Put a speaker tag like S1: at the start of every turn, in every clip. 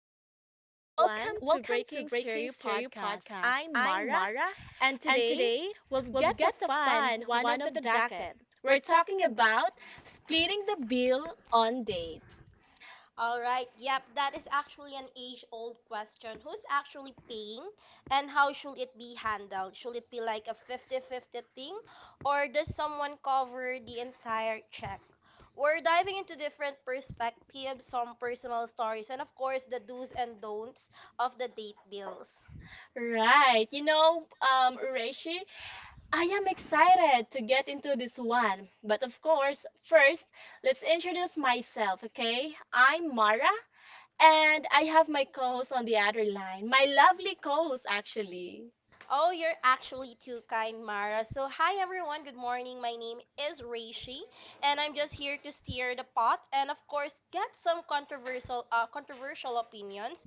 S1: everyone. Welcome to Breaking Stereo Podcast. I'm Mara, and today we've got a fun one of the docket. We're talking about splitting the bill on dates.
S2: All right. Yep, that is actually an age-old question. Who's actually paying and how should it be handled? Should it be like a fifty-fifty thing or does someone cover the entire check? We're diving into different perspectives, some personal stories, and of course the do's and don'ts of the date bills.
S1: Right, Reishi, I am excited to get into this one. But of course, first, let's introduce myself, okay? I'm Mara, and I have my co host on the other line, my lovely co host, actually.
S2: Oh, you're actually too kind, Mara. So, hi everyone. Good morning. My name is Reishi, and I'm just here to steer the pot and, of course, get some controversial opinions.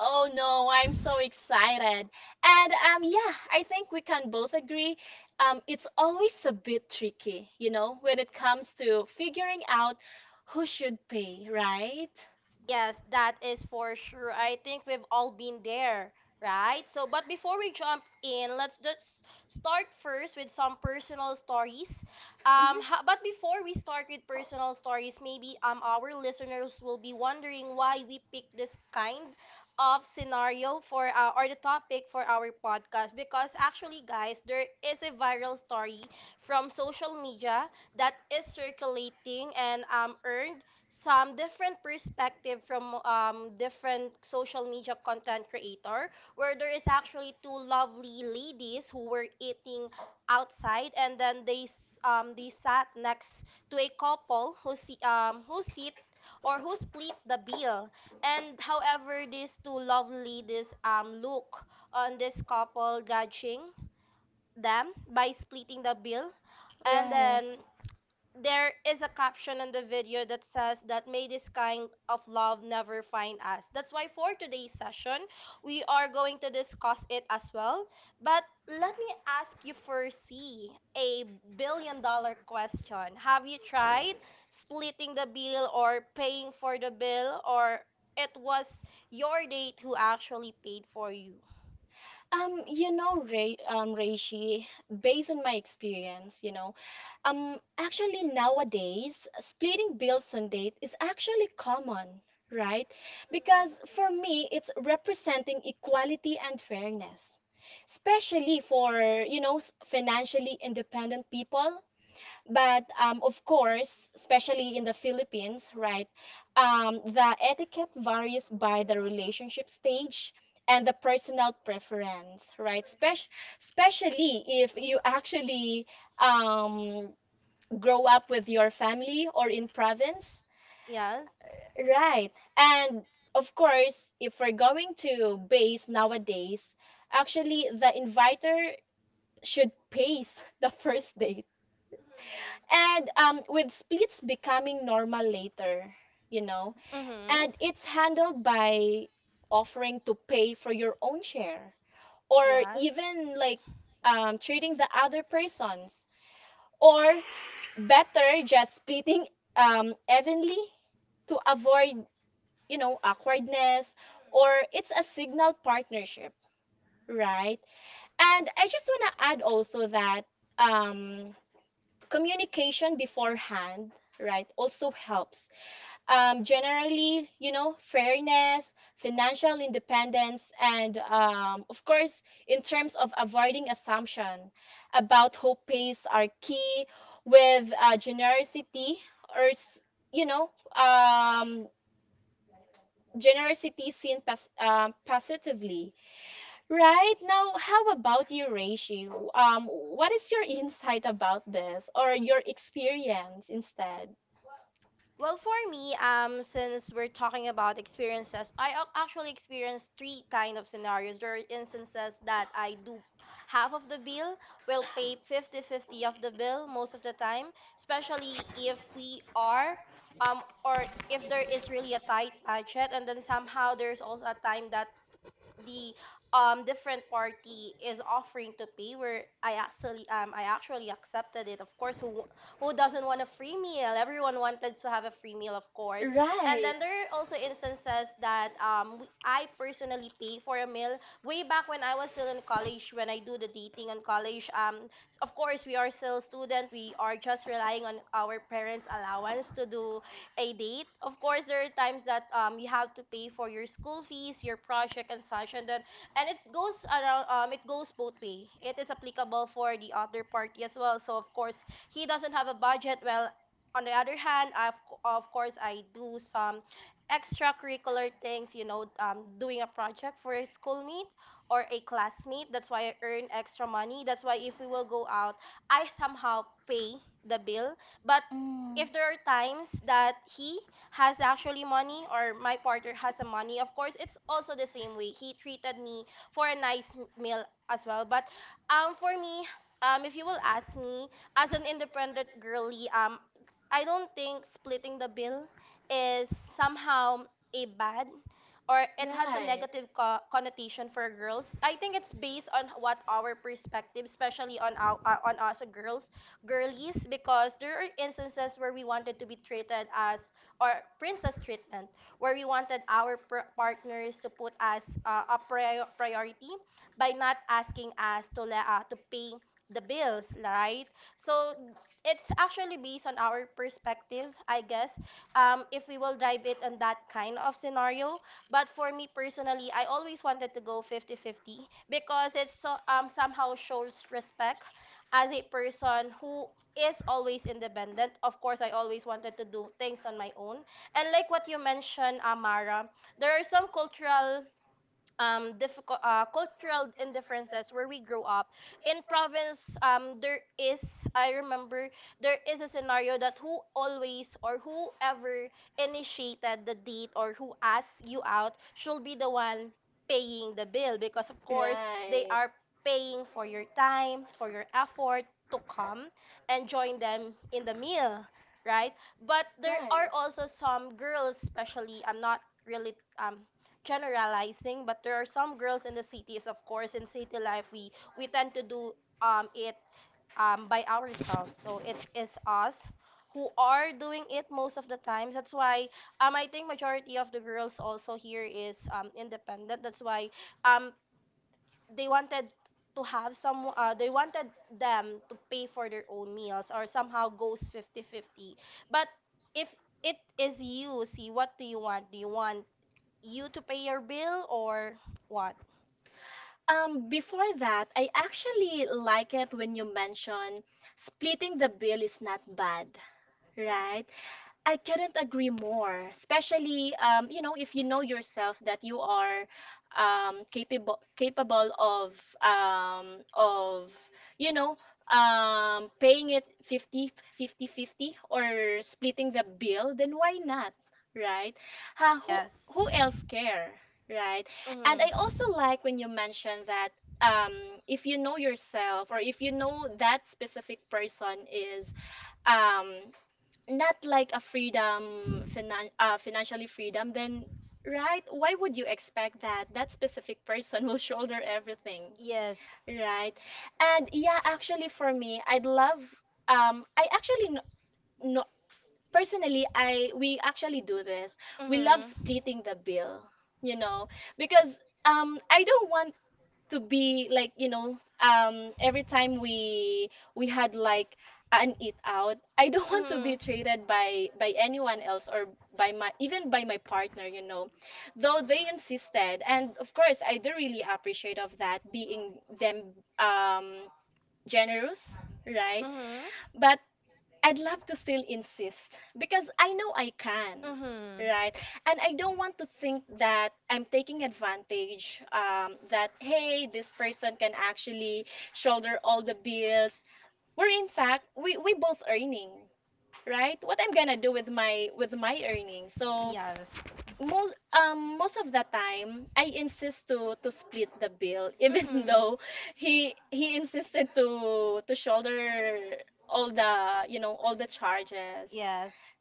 S1: Oh no, I'm so excited. And yeah, I think we can both agree it's always a bit tricky, you know, when it comes to figuring out who should pay, right?
S2: Yes, that is for sure. I think we've all been there, right? So, but before we jump in, let's just start first with some personal stories. But before we start with personal stories, maybe our listeners will be wondering why we picked this kind of scenario for or the topic for our podcast, because actually, guys, there is a viral story from social media that is circulating and earned some different perspective from different social media content creator, where there is actually two lovely ladies who were eating outside, and then they sat next to a couple who see who sit or who split the bill. And however, these two lovely ladies look on this couple, judging them by splitting the bill. And then there is a caption on the video that says that may this kind of love never find us. That's why for today's session, we are going to discuss it as well. But let me ask you first, a billion dollar question. Have you tried splitting the bill or paying for the bill, or it was your date who actually paid for you?
S1: Reishi, based on my experience, actually nowadays, splitting bills on date is actually common, right? Because for me, it's representing equality and fairness, especially for, you know, financially independent people, but of course, especially in the Philippines, right, the etiquette varies by the relationship stage and the personal preference, right? Especially if you actually um, grow up with your family or in province,
S2: Yes.
S1: right? And of course, if we're going to base nowadays, actually the inviter should pace the first date, and with splits becoming normal later, you know,
S2: Mm-hmm.
S1: and it's handled by offering to pay for your own share, or
S2: Yes.
S1: even like treating the other persons, or better just splitting evenly to avoid, you know, awkwardness, or it's a signal partnership, right? And I just want to add also that um, communication beforehand, right, also helps generally, you know, fairness, financial independence, and of course, in terms of avoiding assumption about who pays are key with generosity, or, you know, um, generosity seen positively. Right now, how about you, Reishi? What is your insight about this or your experience instead?
S2: Well, for me, since we're talking about experiences, I actually experienced three kind of scenarios. There are instances that I do half of the bill, will pay fifty-fifty of the bill most of the time, especially if we are, or if there is really a tight budget. And then somehow there's also a time that the different party is offering to pay, where I actually accepted it. Of course, who doesn't want a free meal? Everyone wanted to have a free meal, of course. And
S1: Right.
S2: then there are also instances that I personally pay for a meal way back when I was still in college. When I do the dating in college, of course, we are still student. We are just relying on our parents allowance to do a date. Of course, there are times that you have to pay for your school fees, your project and such. And it goes around, it goes both way. It is applicable for the other party as well. So of course, he doesn't have a budget. Well, on the other hand, of course, I do some extracurricular things. You know, doing a project for a schoolmate or a classmate. That's why I earn extra money. That's why if we will go out, I somehow pay the bill. But
S1: Mm.
S2: if there are times that he has actually money or my partner has a money, of course, it's also the same way. He treated me for a nice meal as well. But for me, if you will ask me, as an independent girly, I don't think splitting the bill is somehow a bad or
S1: Right.
S2: it has a
S1: Right.
S2: negative connotation for girls. I think it's based on what our perspective, especially on us girls girlies, because there are instances where we wanted to be treated as or princess treatment, where we wanted our partners to put us a priority by not asking us to pay the bills, right? So it's actually based on our perspective, I guess, if we will drive it on that kind of scenario. But for me personally, I always wanted to go fifty-fifty because it's so, somehow shows respect. As a person who is always independent, of course, I always wanted to do things on my own. And like what you mentioned, Amara, there are some cultural indifferences where we grow up in province. There is, I remember, there is a scenario that whoever initiated the date or who asked you out should be the one paying the bill, because of course they are paying for your time, for your effort to come and join them in the meal, right? But there are
S1: Right.
S2: also some girls, especially, I'm not really um generalizing, but there are some girls in the cities. Of course, in city life, we tend to do it by ourselves. So it is us who are doing it most of the times. That's why I think majority of the girls also here is independent. That's why um they wanted they wanted them to pay for their own meals or somehow goes fifty fifty. But if it is, you see, what do you want you to pay your bill or what?
S1: Before that, I actually like it when you mention splitting the bill is not bad, right? I couldn't agree more, especially you know, if you know yourself that you are capable of um, of you know, paying it 50, or splitting the bill, then why not, right? Ha,
S2: Yes.
S1: who else care, right? And I also
S2: Mhm.
S1: like when you mention that if you know yourself, or if you know that specific person is um, not like a freedom finan financially freedom, then right, why would you expect that that specific person will shoulder everything,
S2: Yes.
S1: right? And yeah, actually for me, I'd love I actually no, no personally, I we actually do this. We love
S2: Mhm.
S1: splitting the bill, you know, because I don't want to be like, you know, every time we had like an eat out, I don't want to be
S2: Mhm.
S1: treated by anyone else, or by my even by my partner, you know, though they insisted, and of course I do really appreciate of that, being them um generous, right?
S2: Mhm.
S1: But I'd love to still insist because I know I can,
S2: Mhm.
S1: right? And I don't want to think that I'm taking advantage, that, hey, this person can actually shoulder all the bills. We're in fact, we both earning, right? What I'm gonna do with my earnings. So
S2: Yes.
S1: most of the time I insist to split the bill, even
S2: Mhm.
S1: though he insisted to shoulder all the, you know, all the charges.
S2: Yes.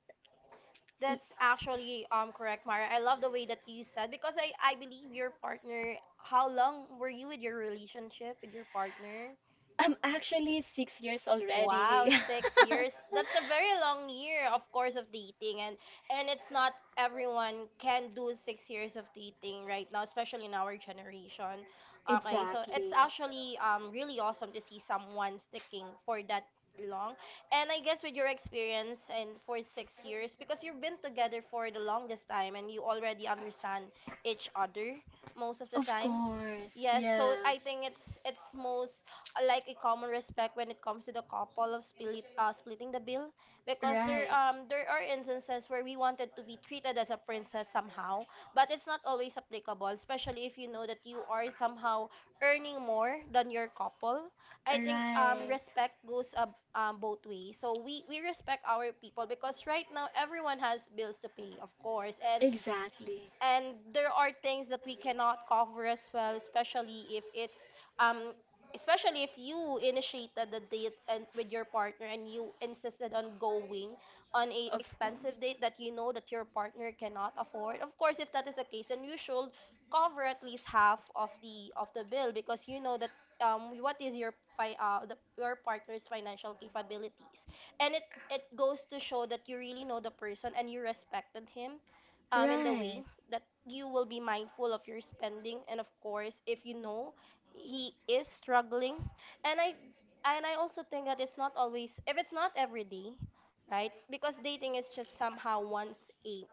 S1: Y-
S2: That's actually correct, Mara. I love the way that you said, because I believe your partner. How long were you with your relationship with your partner?
S1: I'm actually 6 years
S2: Wow,
S1: already.
S2: 6 years. That's a very long year, of course, of dating, and it's not everyone can do 6 years of dating right now, especially in our generation. Okay, so it's
S1: Exactly.
S2: actually really awesome to see someone sticking for that long. And I guess with your experience and for 6 years, because you've been together for the longest time and you already understand each other most of the
S1: Of
S2: time.
S1: course,
S2: Yes, so
S1: yes.
S2: I think it's most like a common respect when it comes to the couple of splitting the bill, because there
S1: Right.
S2: um there are instances where we wanted to be treated as a princess somehow, but it's not always applicable, especially if you know that you are somehow earning more than your couple. I think
S1: Right.
S2: respect goes, both ways, so we respect our people, because right now everyone has bills to pay, of course, and
S1: Exactly.
S2: and there are things that we cannot cover as well, um especially if you initiated the date and with your partner, and you insisted on going on a
S1: Of whom?
S2: expensive date that you know that your partner cannot afford. Of course, if that is the case, then you should cover at least half of the bill, because you know that what is your fi- the, your partner's financial capabilities. And it goes to show that you really know the person and you respected him in the way
S1: Right.
S2: that you will be mindful of your spending. And of course, if you know he is struggling, and i and I also think that it's not always, if it's not every day, right? Because dating is just somehow once a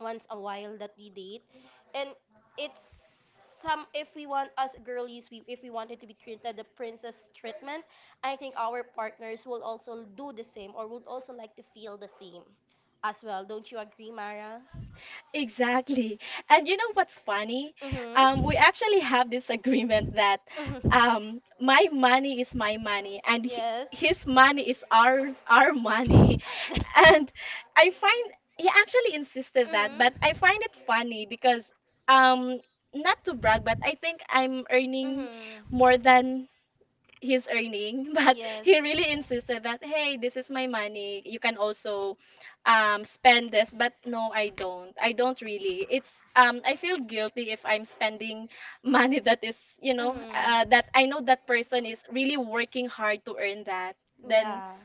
S2: once a while that we date. And it's, some if we want us girlies we if we wanted to be treated the princess treatment, I think our partners will also do the same or would also like to feel the same as well. Don't you agree, Mara?
S1: Exactly. And you know what's funny? We
S2: Mm-hmm.
S1: actually have this agreement that
S2: Mm-hmm.
S1: my money is my money, and
S2: Yes.
S1: his money is our money.
S2: Mhm.
S1: And I find he actually insisted that, but I find it funny because um not to brag, but I think I'm earning
S2: Mhm.
S1: more than he's earning. But
S2: Yes.
S1: he really insisted that, hey, this is my money, you can also spend this. But no, I don't I don't really, it's I feel guilty if I'm spending money that is, you know,
S2: Mhm.
S1: that I know that person is really working hard to earn, that then
S2: Yeah.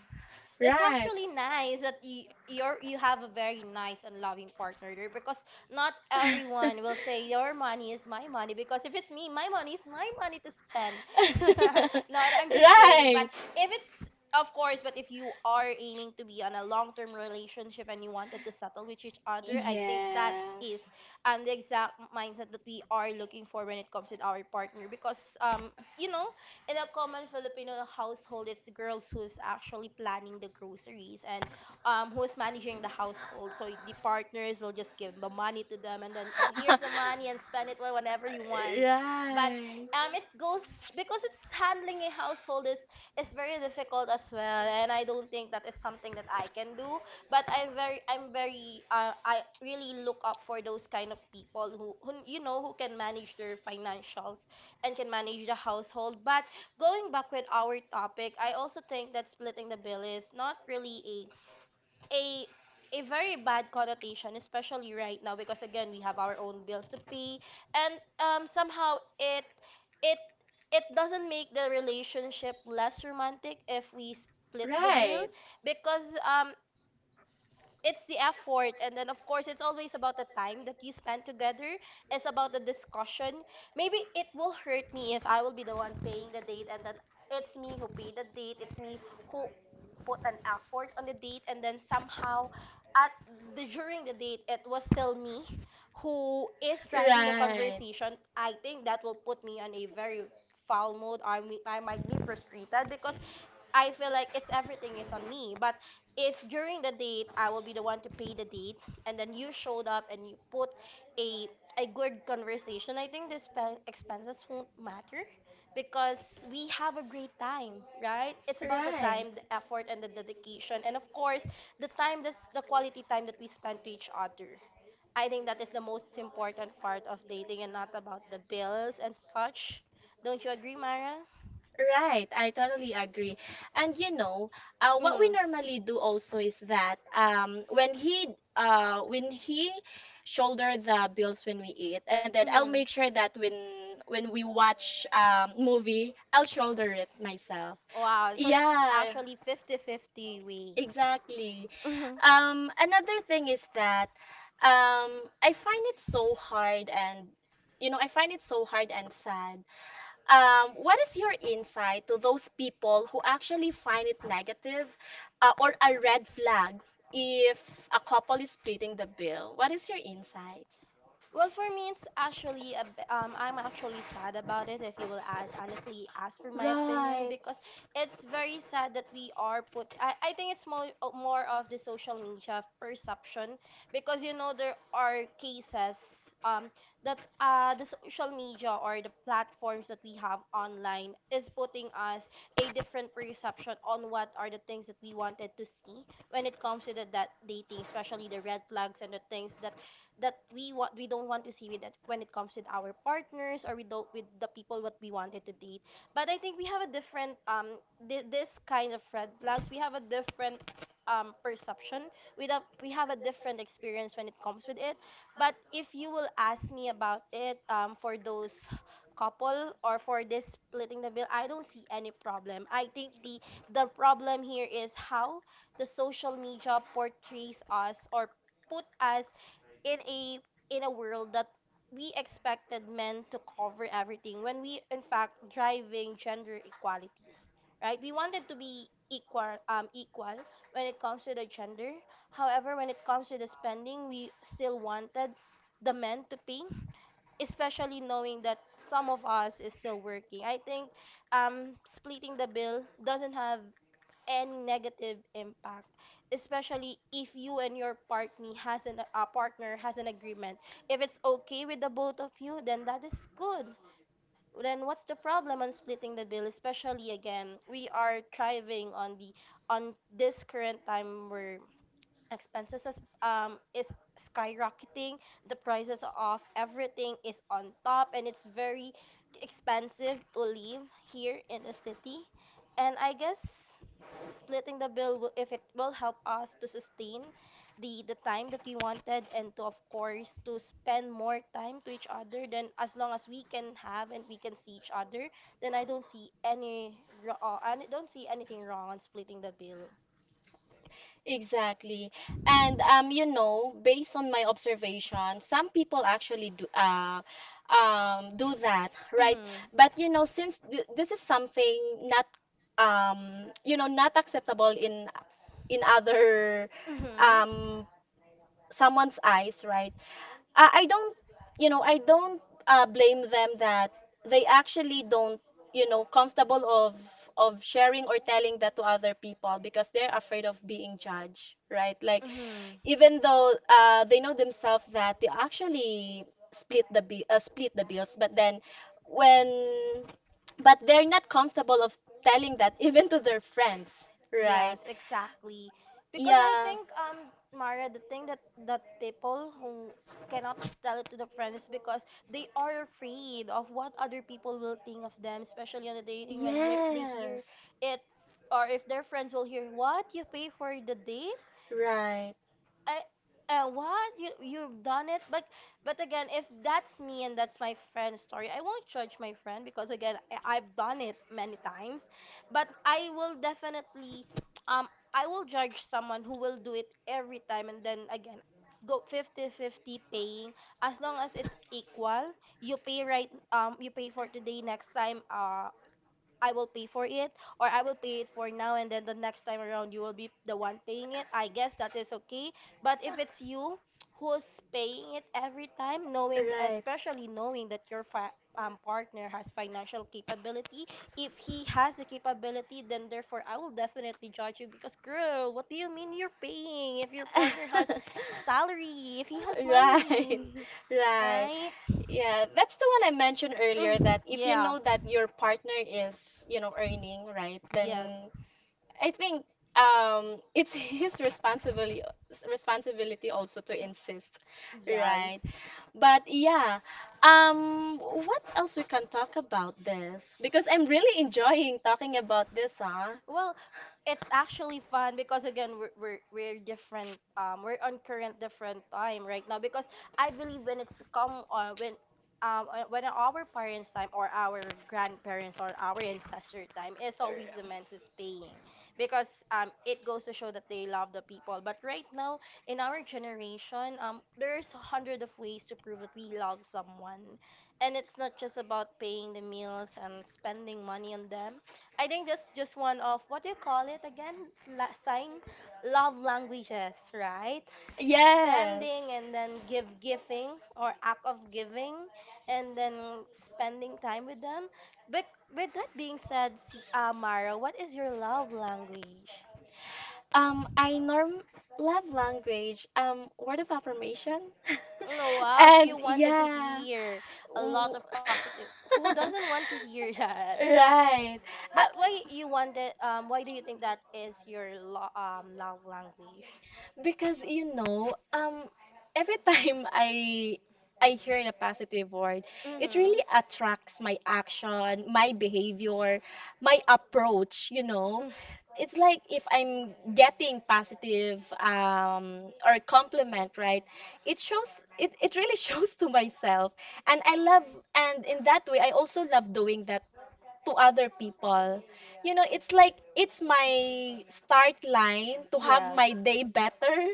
S2: That's
S1: right.
S2: actually nice that you have a very nice and loving partner there, because not everyone will say your money is my money, because if it's me, my money is my money to spend. No, I'm just kidding. But
S1: Right.
S2: if it's of course, but if you are aiming to be on a long-term relationship and you wanted to settle with each other, I think that
S1: Yes.
S2: is the exact mindset that we are looking for when it comes with our partner, because you know in a common Filipino household, it's the girls who's actually planning the groceries and who's managing the household. So the partners will just give the money to them, and then oh, here's the money and spend it whenever you want. But
S1: Right.
S2: it goes because it's handling a household is very difficult as well, and I don't think that is something that I can do. But I really look up for those kind of people who you know who can manage their financials and can manage the household, but going back with our topic, I also think that splitting the bill is not really a a very bad connotation, especially right now, because again we have our own bills to pay, and somehow it it doesn't make the relationship less romantic if we split the bill
S1: Right.
S2: because it's the effort, and then of course it's always about the time that you spend together. It's about the discussion. Maybe it will hurt me if I will be the one paying the date, and then it's me who paid the date, it's me who put an effort on the date, and then somehow at the during the date it was still me who is driving the
S1: Right.
S2: conversation. I think that will put me on a very foul mood. I might be frustrated because I feel like it's everything is on me. But if during the date I will be the one to pay the date and then you showed up and you put a a good conversation, I think the expenses won't matter because we have a great time, right? It's about the
S1: Right.
S2: time, the effort, and the dedication, and of course, the time, this the quality time that we spend to each other. I think that is the most important part of dating, and not about the bills and such. Don't you agree, Mara?
S1: Right, I totally agree. And you know, what we
S2: Mm,
S1: normally do also is that when he shoulder the bills when we eat, and then I'll
S2: mm.
S1: make sure that when we watch movie, I'll shoulder it myself.
S2: Wow, so that's
S1: Yeah,
S2: actually 50 50, 50 way.
S1: exactly.
S2: Mhm.
S1: Another thing is that I find it so hard, and you know, I find it so hard and sad. What is your insight to those people who actually find it negative, or a red flag, if a couple is splitting the bill? What is your insight?
S2: Well, for me, it's actually a b I'm actually sad about it. If you will a honestly ask for my opinion, because it's very sad that we are put. I think it's more of the social media perception, because you know there are cases that the social media or the platforms that we have online is putting us a different perception on what are the things that we wanted to see when it comes to the that dating, especially the red flags and the things that we don't want to see with it when it comes with our partners or with with the people what we wanted to date. But I think we have a different this kind of red flags. We have a different perception. We have a different experience when it comes with it. But if you will ask me about it, for those couple or for this splitting the bill, I don't see any problem. I think the problem here is how the social media portrays us, or put us in a in a world that we expected men to cover everything, when we in fact driving gender equality, right? We wanted to be equal, equal when it comes to the gender. However, when it comes to the spending we still wanted the men to pay, especially knowing that some of us is still working. I think splitting the bill doesn't have any negative impact, especially if you and your partner has an a partner has an agreement. If it's okay with the both of you, then that is good. Then what's the problem on splitting the bill? Especially again, we are thriving on the on this current time where expenses is skyrocketing. The prices of everything is on top, and it's very expensive to live here in the city. And I guess splitting the bill will, if it will help us to sustain the time that we wanted, and to of course to spend more time to each other, then as long as we can have and we can see each other, then I don't see any I don't see anything wrong on splitting the bill.
S1: Exactly. And you know, based on my observation, some people actually do that, right?
S2: Mhm.
S1: But you know, since th this is something not you know, not acceptable in other
S2: Mhm.
S1: um someone's eyes, right? I don't, you know, I don't blame them that they actually don't, you know, comfortable of sharing or telling that to other people because they're afraid of being judged, right? Like,
S2: Mhm.
S1: even though, they know themselves that they actually split the bills, but then when, but they're not comfortable of telling that even to their friends, right?
S2: Yes, exactly. Because I
S1: Yeah.
S2: think, Mara, the thing that people who cannot tell it to their friends is because they are afraid of what other people will think of them, especially on the dating when they
S1: Yes,
S2: hear it, or if their friends will hear, "What? You pay for the date?
S1: right,
S2: I what you've done it." But again, if that's me and that's my friend's story, I won't judge my friend because again, I've done it many times. But I will definitely um I will judge someone who will do it every time, and then again go 50 50 paying, as long as it's equal. You pay, right? You pay for today, next time I will pay for it. Or I will pay it for now, and then the next time around you will be the one paying it. I guess that is okay. But if it's you who's paying it every time, knowing,
S1: right.
S2: especially knowing that your partner has financial capability, if he has the capability, then therefore I will definitely judge you, because girl, what do you mean you're paying if your partner has salary, if he has
S1: Right,
S2: money,
S1: right.
S2: right?
S1: Yeah, that's the one I mentioned earlier,
S2: Mm,
S1: that if you
S2: yeah.
S1: know that your partner is, you know, earning, right,
S2: Yes.
S1: then I think it's his responsibility also to insist,
S2: Yes.
S1: right? But yeah, what else we can talk about this? Because I'm really enjoying talking about this, huh?
S2: Well, it's actually fun because again we're different. We're on current different time right now because I believe when it's come when our parents' time, or our grandparents, or our ancestor time, it's always the man who's paying because it goes to show that they love the people. But right now in our generation, there's 100 of ways to prove that we love someone, and it's not just about paying the meals and spending money on them. I think just one of what do you call it again? Sign love languages, right?
S1: Yes.
S2: Spending, and then give giving, or act of giving, and then spending time with them. But with that being said, si Mara, what is your love language?
S1: I norm love language. Word of affirmation.
S2: Oh, wow, so you
S1: And
S2: wanted to
S1: yeah.
S2: hear a lot
S1: w-
S2: of positive. Who doesn't want to hear that?
S1: Right.
S2: But why
S1: Uh,
S2: you wanted why do you think that is your love language?
S1: because you know, every time I hear the positive word, it
S2: Mhm.
S1: really attracts my action, my behavior, my approach, you know. It's like if I'm getting positive or compliment, right? It shows it, it really shows to myself. And I love, and in that way I also love doing that to other people, you know, it's like it's my start line to have
S2: Yes.
S1: my day better.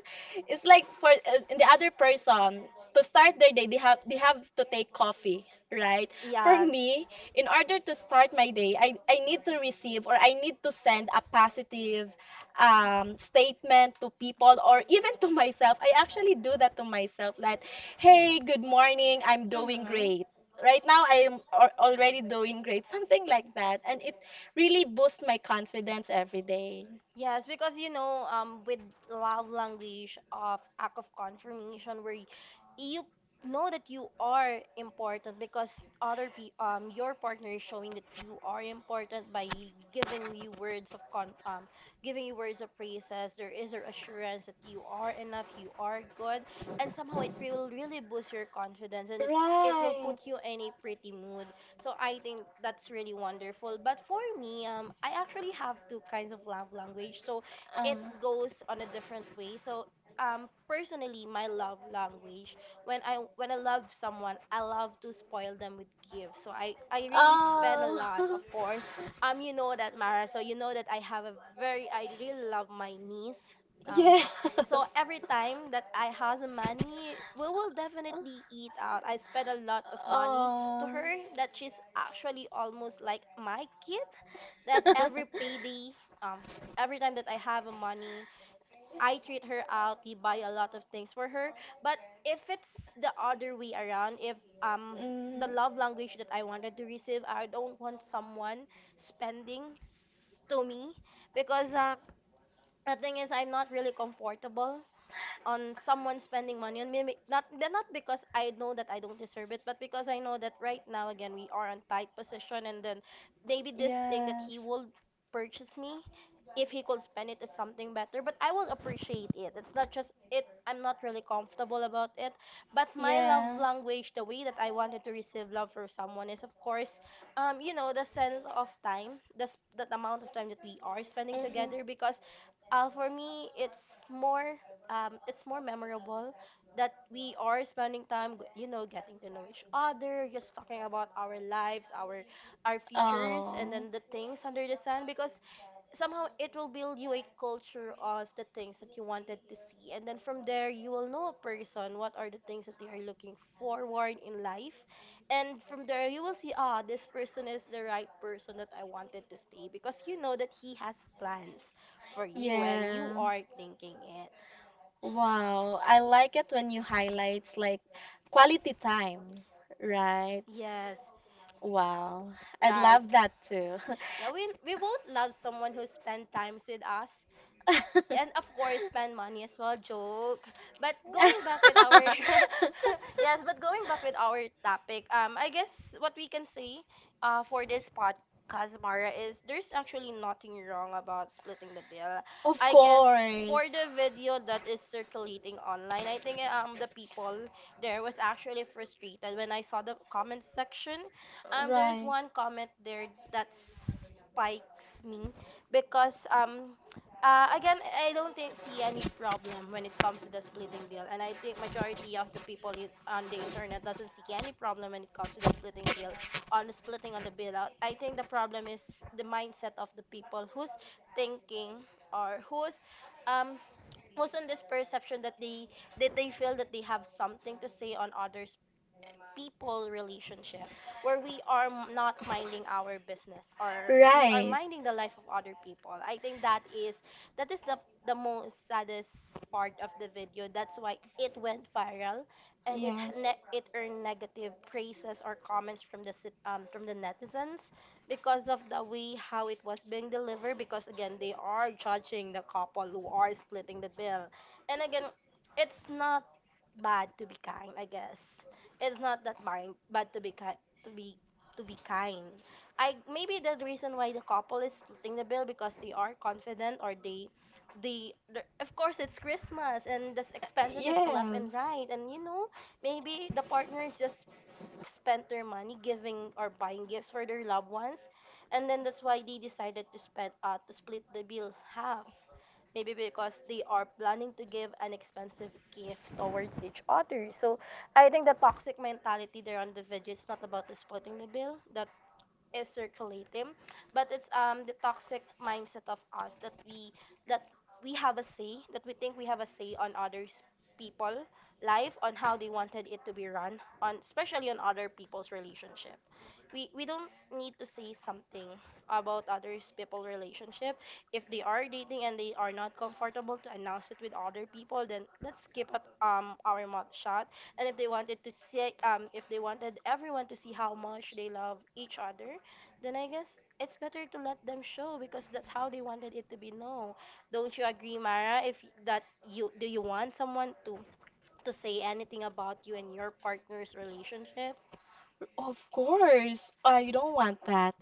S1: It's like for the other person to start their day, they have to take coffee, right? For
S2: Yes.
S1: me, in order to start my day, I I need to receive, or I need to send a positive statement to people, or even to myself. I actually do that to myself, like, hey, good morning, I'm doing
S2: Mm-hmm.
S1: great, right now I'm already doing great, something like that. And it really boost my confidence every day.
S2: Yes, because you know, with love language of act of confirmation, where you know that you are important because other pe your partner is showing that you are important by giving you words of con giving you words of praises. There is a assurance that you are enough, you are good, and somehow it will really boost your confidence, and it will
S1: Right.
S2: put you in a pretty mood. So I think that's really wonderful. But for me, I actually have two kinds of love language. So
S1: Uh,
S2: it goes on a different way. So personally, my love language, when I love someone, I love to spoil them with gifts. So I really spend a
S1: oh,
S2: lot, of course. You know that, Mara. So you know that I have a very I really love my niece. Um,
S1: yes.
S2: so every time that I has money, we will definitely eat out. I spend a lot of money to
S1: Oh.
S2: her that she's actually almost like my kid. That every payday, um, every time that I have a money, I treat her out. We buy a lot of things for her. But if it's the other way around, if um the
S1: Mm,
S2: love language that I wanted to receive, I don't want someone spending to me, because the thing is I'm not really comfortable on someone spending money on me, not not because I know that I don't deserve it, but because I know that right now again we are on tight position, and then maybe this thing that
S1: yes.
S2: he will purchase me, if he could spend it is something better. But I will appreciate it, it's not just it, I'm not really comfortable about it. But my love
S1: Yeah.
S2: language, the way that I wanted to receive love for someone is of course, you know, the sense of time, that amount of time that we are spending
S1: Mm-hmm.
S2: together, because for me more it's more memorable that we are spending time, you know, getting to know each other, just talking about our lives, our futures, and
S1: Oh.
S2: then the things under the sun. Because somehow it will build you a culture of the things that you wanted to see, and then from there you will know a person, what are the things that they are looking forward in life, and from there you will see, ah, this person is the right person that I wanted to stay, because you know that he has plans for you, and you
S1: Yeah.
S2: are thinking it.
S1: Wow. I like it when you highlight like quality time, right?
S2: Yes,
S1: Wow. I'd
S2: right.
S1: love that too.
S2: Yeah, we won't love someone who spend times with us, and of course spend money as well joke but going back with our yes but going back with our topic, I guess what we can say for this podcast, Mara, is there's actually nothing wrong about splitting the bill.
S1: Of
S2: I guess
S1: course.
S2: for the video that is circulating online, I think the people there was actually frustrated when I saw the comment section. There's
S1: Right.
S2: one comment there that spikes me because again, I don't think see any problem when it comes to the splitting bill, and I think majority of the people on the internet doesn't see any problem when it comes to the splitting bill on the splitting on the bill out. I think the problem is the mindset of the people who's thinking or who's um who's on this perception that they feel that they have something to say on others people relationship, where we are not minding our business or we are
S1: Right.
S2: minding the life of other people. I think that is the most saddest part of the video. That's why it went viral, and it
S1: Yes.
S2: it earned negative praises or comments from the from the netizens because of the way how it was being delivered, because again they are judging the couple who are splitting the bill. And again, it's not bad to be kind. I guess it's not that mind, but to be kind, to be to be kind. I maybe the reason why the couple is splitting the bill because they are confident or of course it's Christmas and the expenses is left and
S1: Yes.
S2: right, and you know maybe the partner is just spent their money giving or buying gifts for their loved ones, and then that's why they decided to spend to split the bill half, maybe because they are planning to give an expensive gift towards each other. So I think the toxic mentality there on the video is not about the splitting the bill that is circulating, but it's the toxic mindset of us that that we have a say, that we think we have a say on others people life on how they wanted it to be run on, especially on other people's relationship. We don't need to say something about others people relationship. If they are dating and they are not comfortable to announce it with other people, then let's keep it our mouth shut. And if they wanted to see if they wanted everyone to see how much they love each other, then I guess it's better to let them show because that's how they wanted it to be known. Don't you agree, Mara? If y- that you do you want someone to say anything about you and your partner's relationship?
S1: Of course. I don't want that.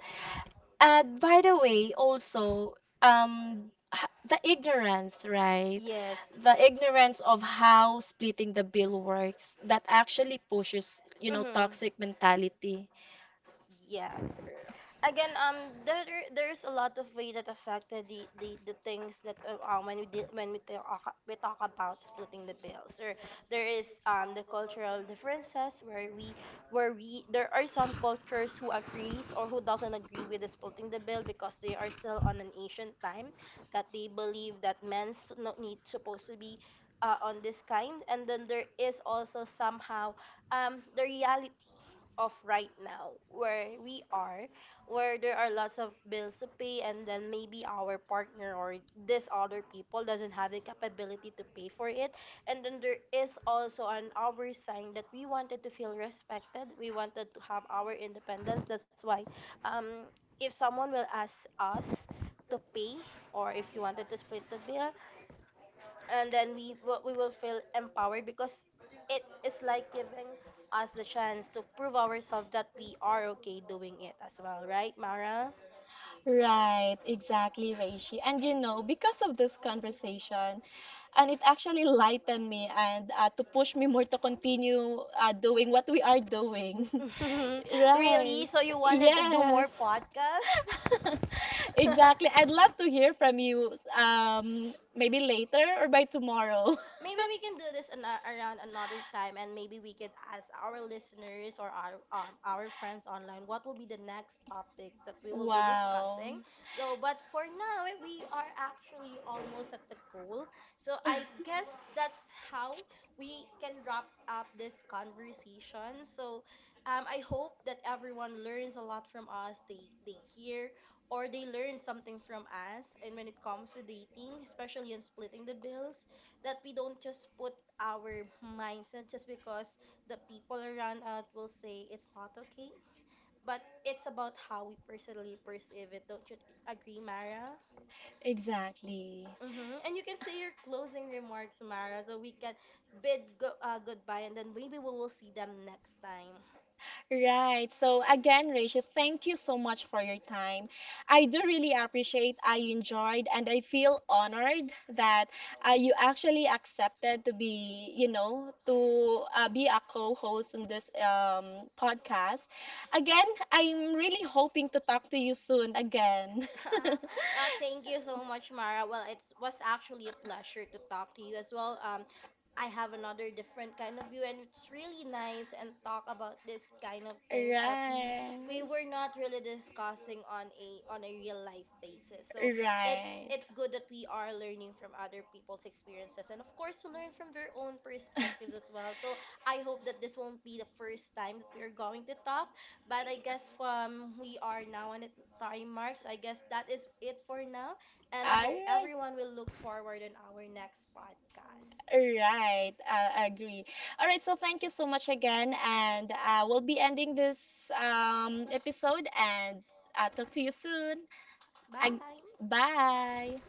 S1: And by the way, also, the ignorance, right?
S2: Yes.
S1: The ignorance of how splitting the bill works that actually pushes, you know,
S2: Mm-hmm.
S1: toxic mentality.
S2: Yes. Again, there there's a lot of way that affected the things that when we did when we talk about splitting the bills, or there is the cultural differences where we there are some cultures who agrees or who doesn't agree with the splitting the bill because they are still on an ancient time, that they believe that men's not need supposed to be on this kind. And then there is also somehow the reality of right now where we are, where there are lots of bills to pay, and then maybe our partner or this other people doesn't have the capability to pay for it. And then there is also an our sign that we wanted to feel respected, we wanted to have our independence. That's why um if someone will ask us to pay, or if you wanted to split the bill, and then we will feel empowered because it is like giving us the chance to prove ourselves that we are okay doing it as well, right, Mara?
S1: Right, exactly, Reishi. And you know, because of this conversation, and it actually lightened me, and to push me more to continue doing what we are doing. Right.
S2: Really? So you wanted to do
S1: Yes.
S2: more podcasts?
S1: Exactly. I'd love to hear from you, maybe later or by tomorrow.
S2: Maybe we can do this around another time, and maybe we could ask our listeners or our friends online what will be the next topic that we will be
S1: Wow.
S2: discussing. So, but for now, eh, we are actually almost at the goal. So I guess that's how we can wrap up this conversation. So, I hope that everyone learns a lot from us. They hear or they learn something from us, and when it comes to dating, especially in splitting the bills, that we don't just put our mindset just because the people around us will say it's not okay. But it's about how we personally perceive it. Don't you agree, Mara?
S1: Exactly.
S2: Mm-hmm. And you can say your closing remarks, Mara, so we can bid goodbye and then maybe we will see them next time.
S1: Right. So again, Rachel, thank you so much for your time. I do really appreciate, I enjoyed, and I feel honored that you actually accepted to be, you know, to be a co-host in this podcast. Again, I'm really hoping to talk to you soon again.
S2: Thank you so much, Mara. Well, it was actually a pleasure to talk to you as well. I have another different kind of view, and it's really nice and talk about this kind of things that we
S1: Right.
S2: were not really discussing on a real life basis. So it's
S1: Right.
S2: it's good that we are learning from other people's experiences, and of course to learn from their own perspectives as well. So I hope that this won't be the first time that we are going to talk. But I guess from we are now on the time mark, so I guess that is it for now. And I
S1: All
S2: hope
S1: right.
S2: everyone will look forward on our next podcast.
S1: Right, I agree. All right, so thank you so much again, and we'll be ending this episode, and I'll talk to you soon. Ag-
S2: Bye.
S1: bye.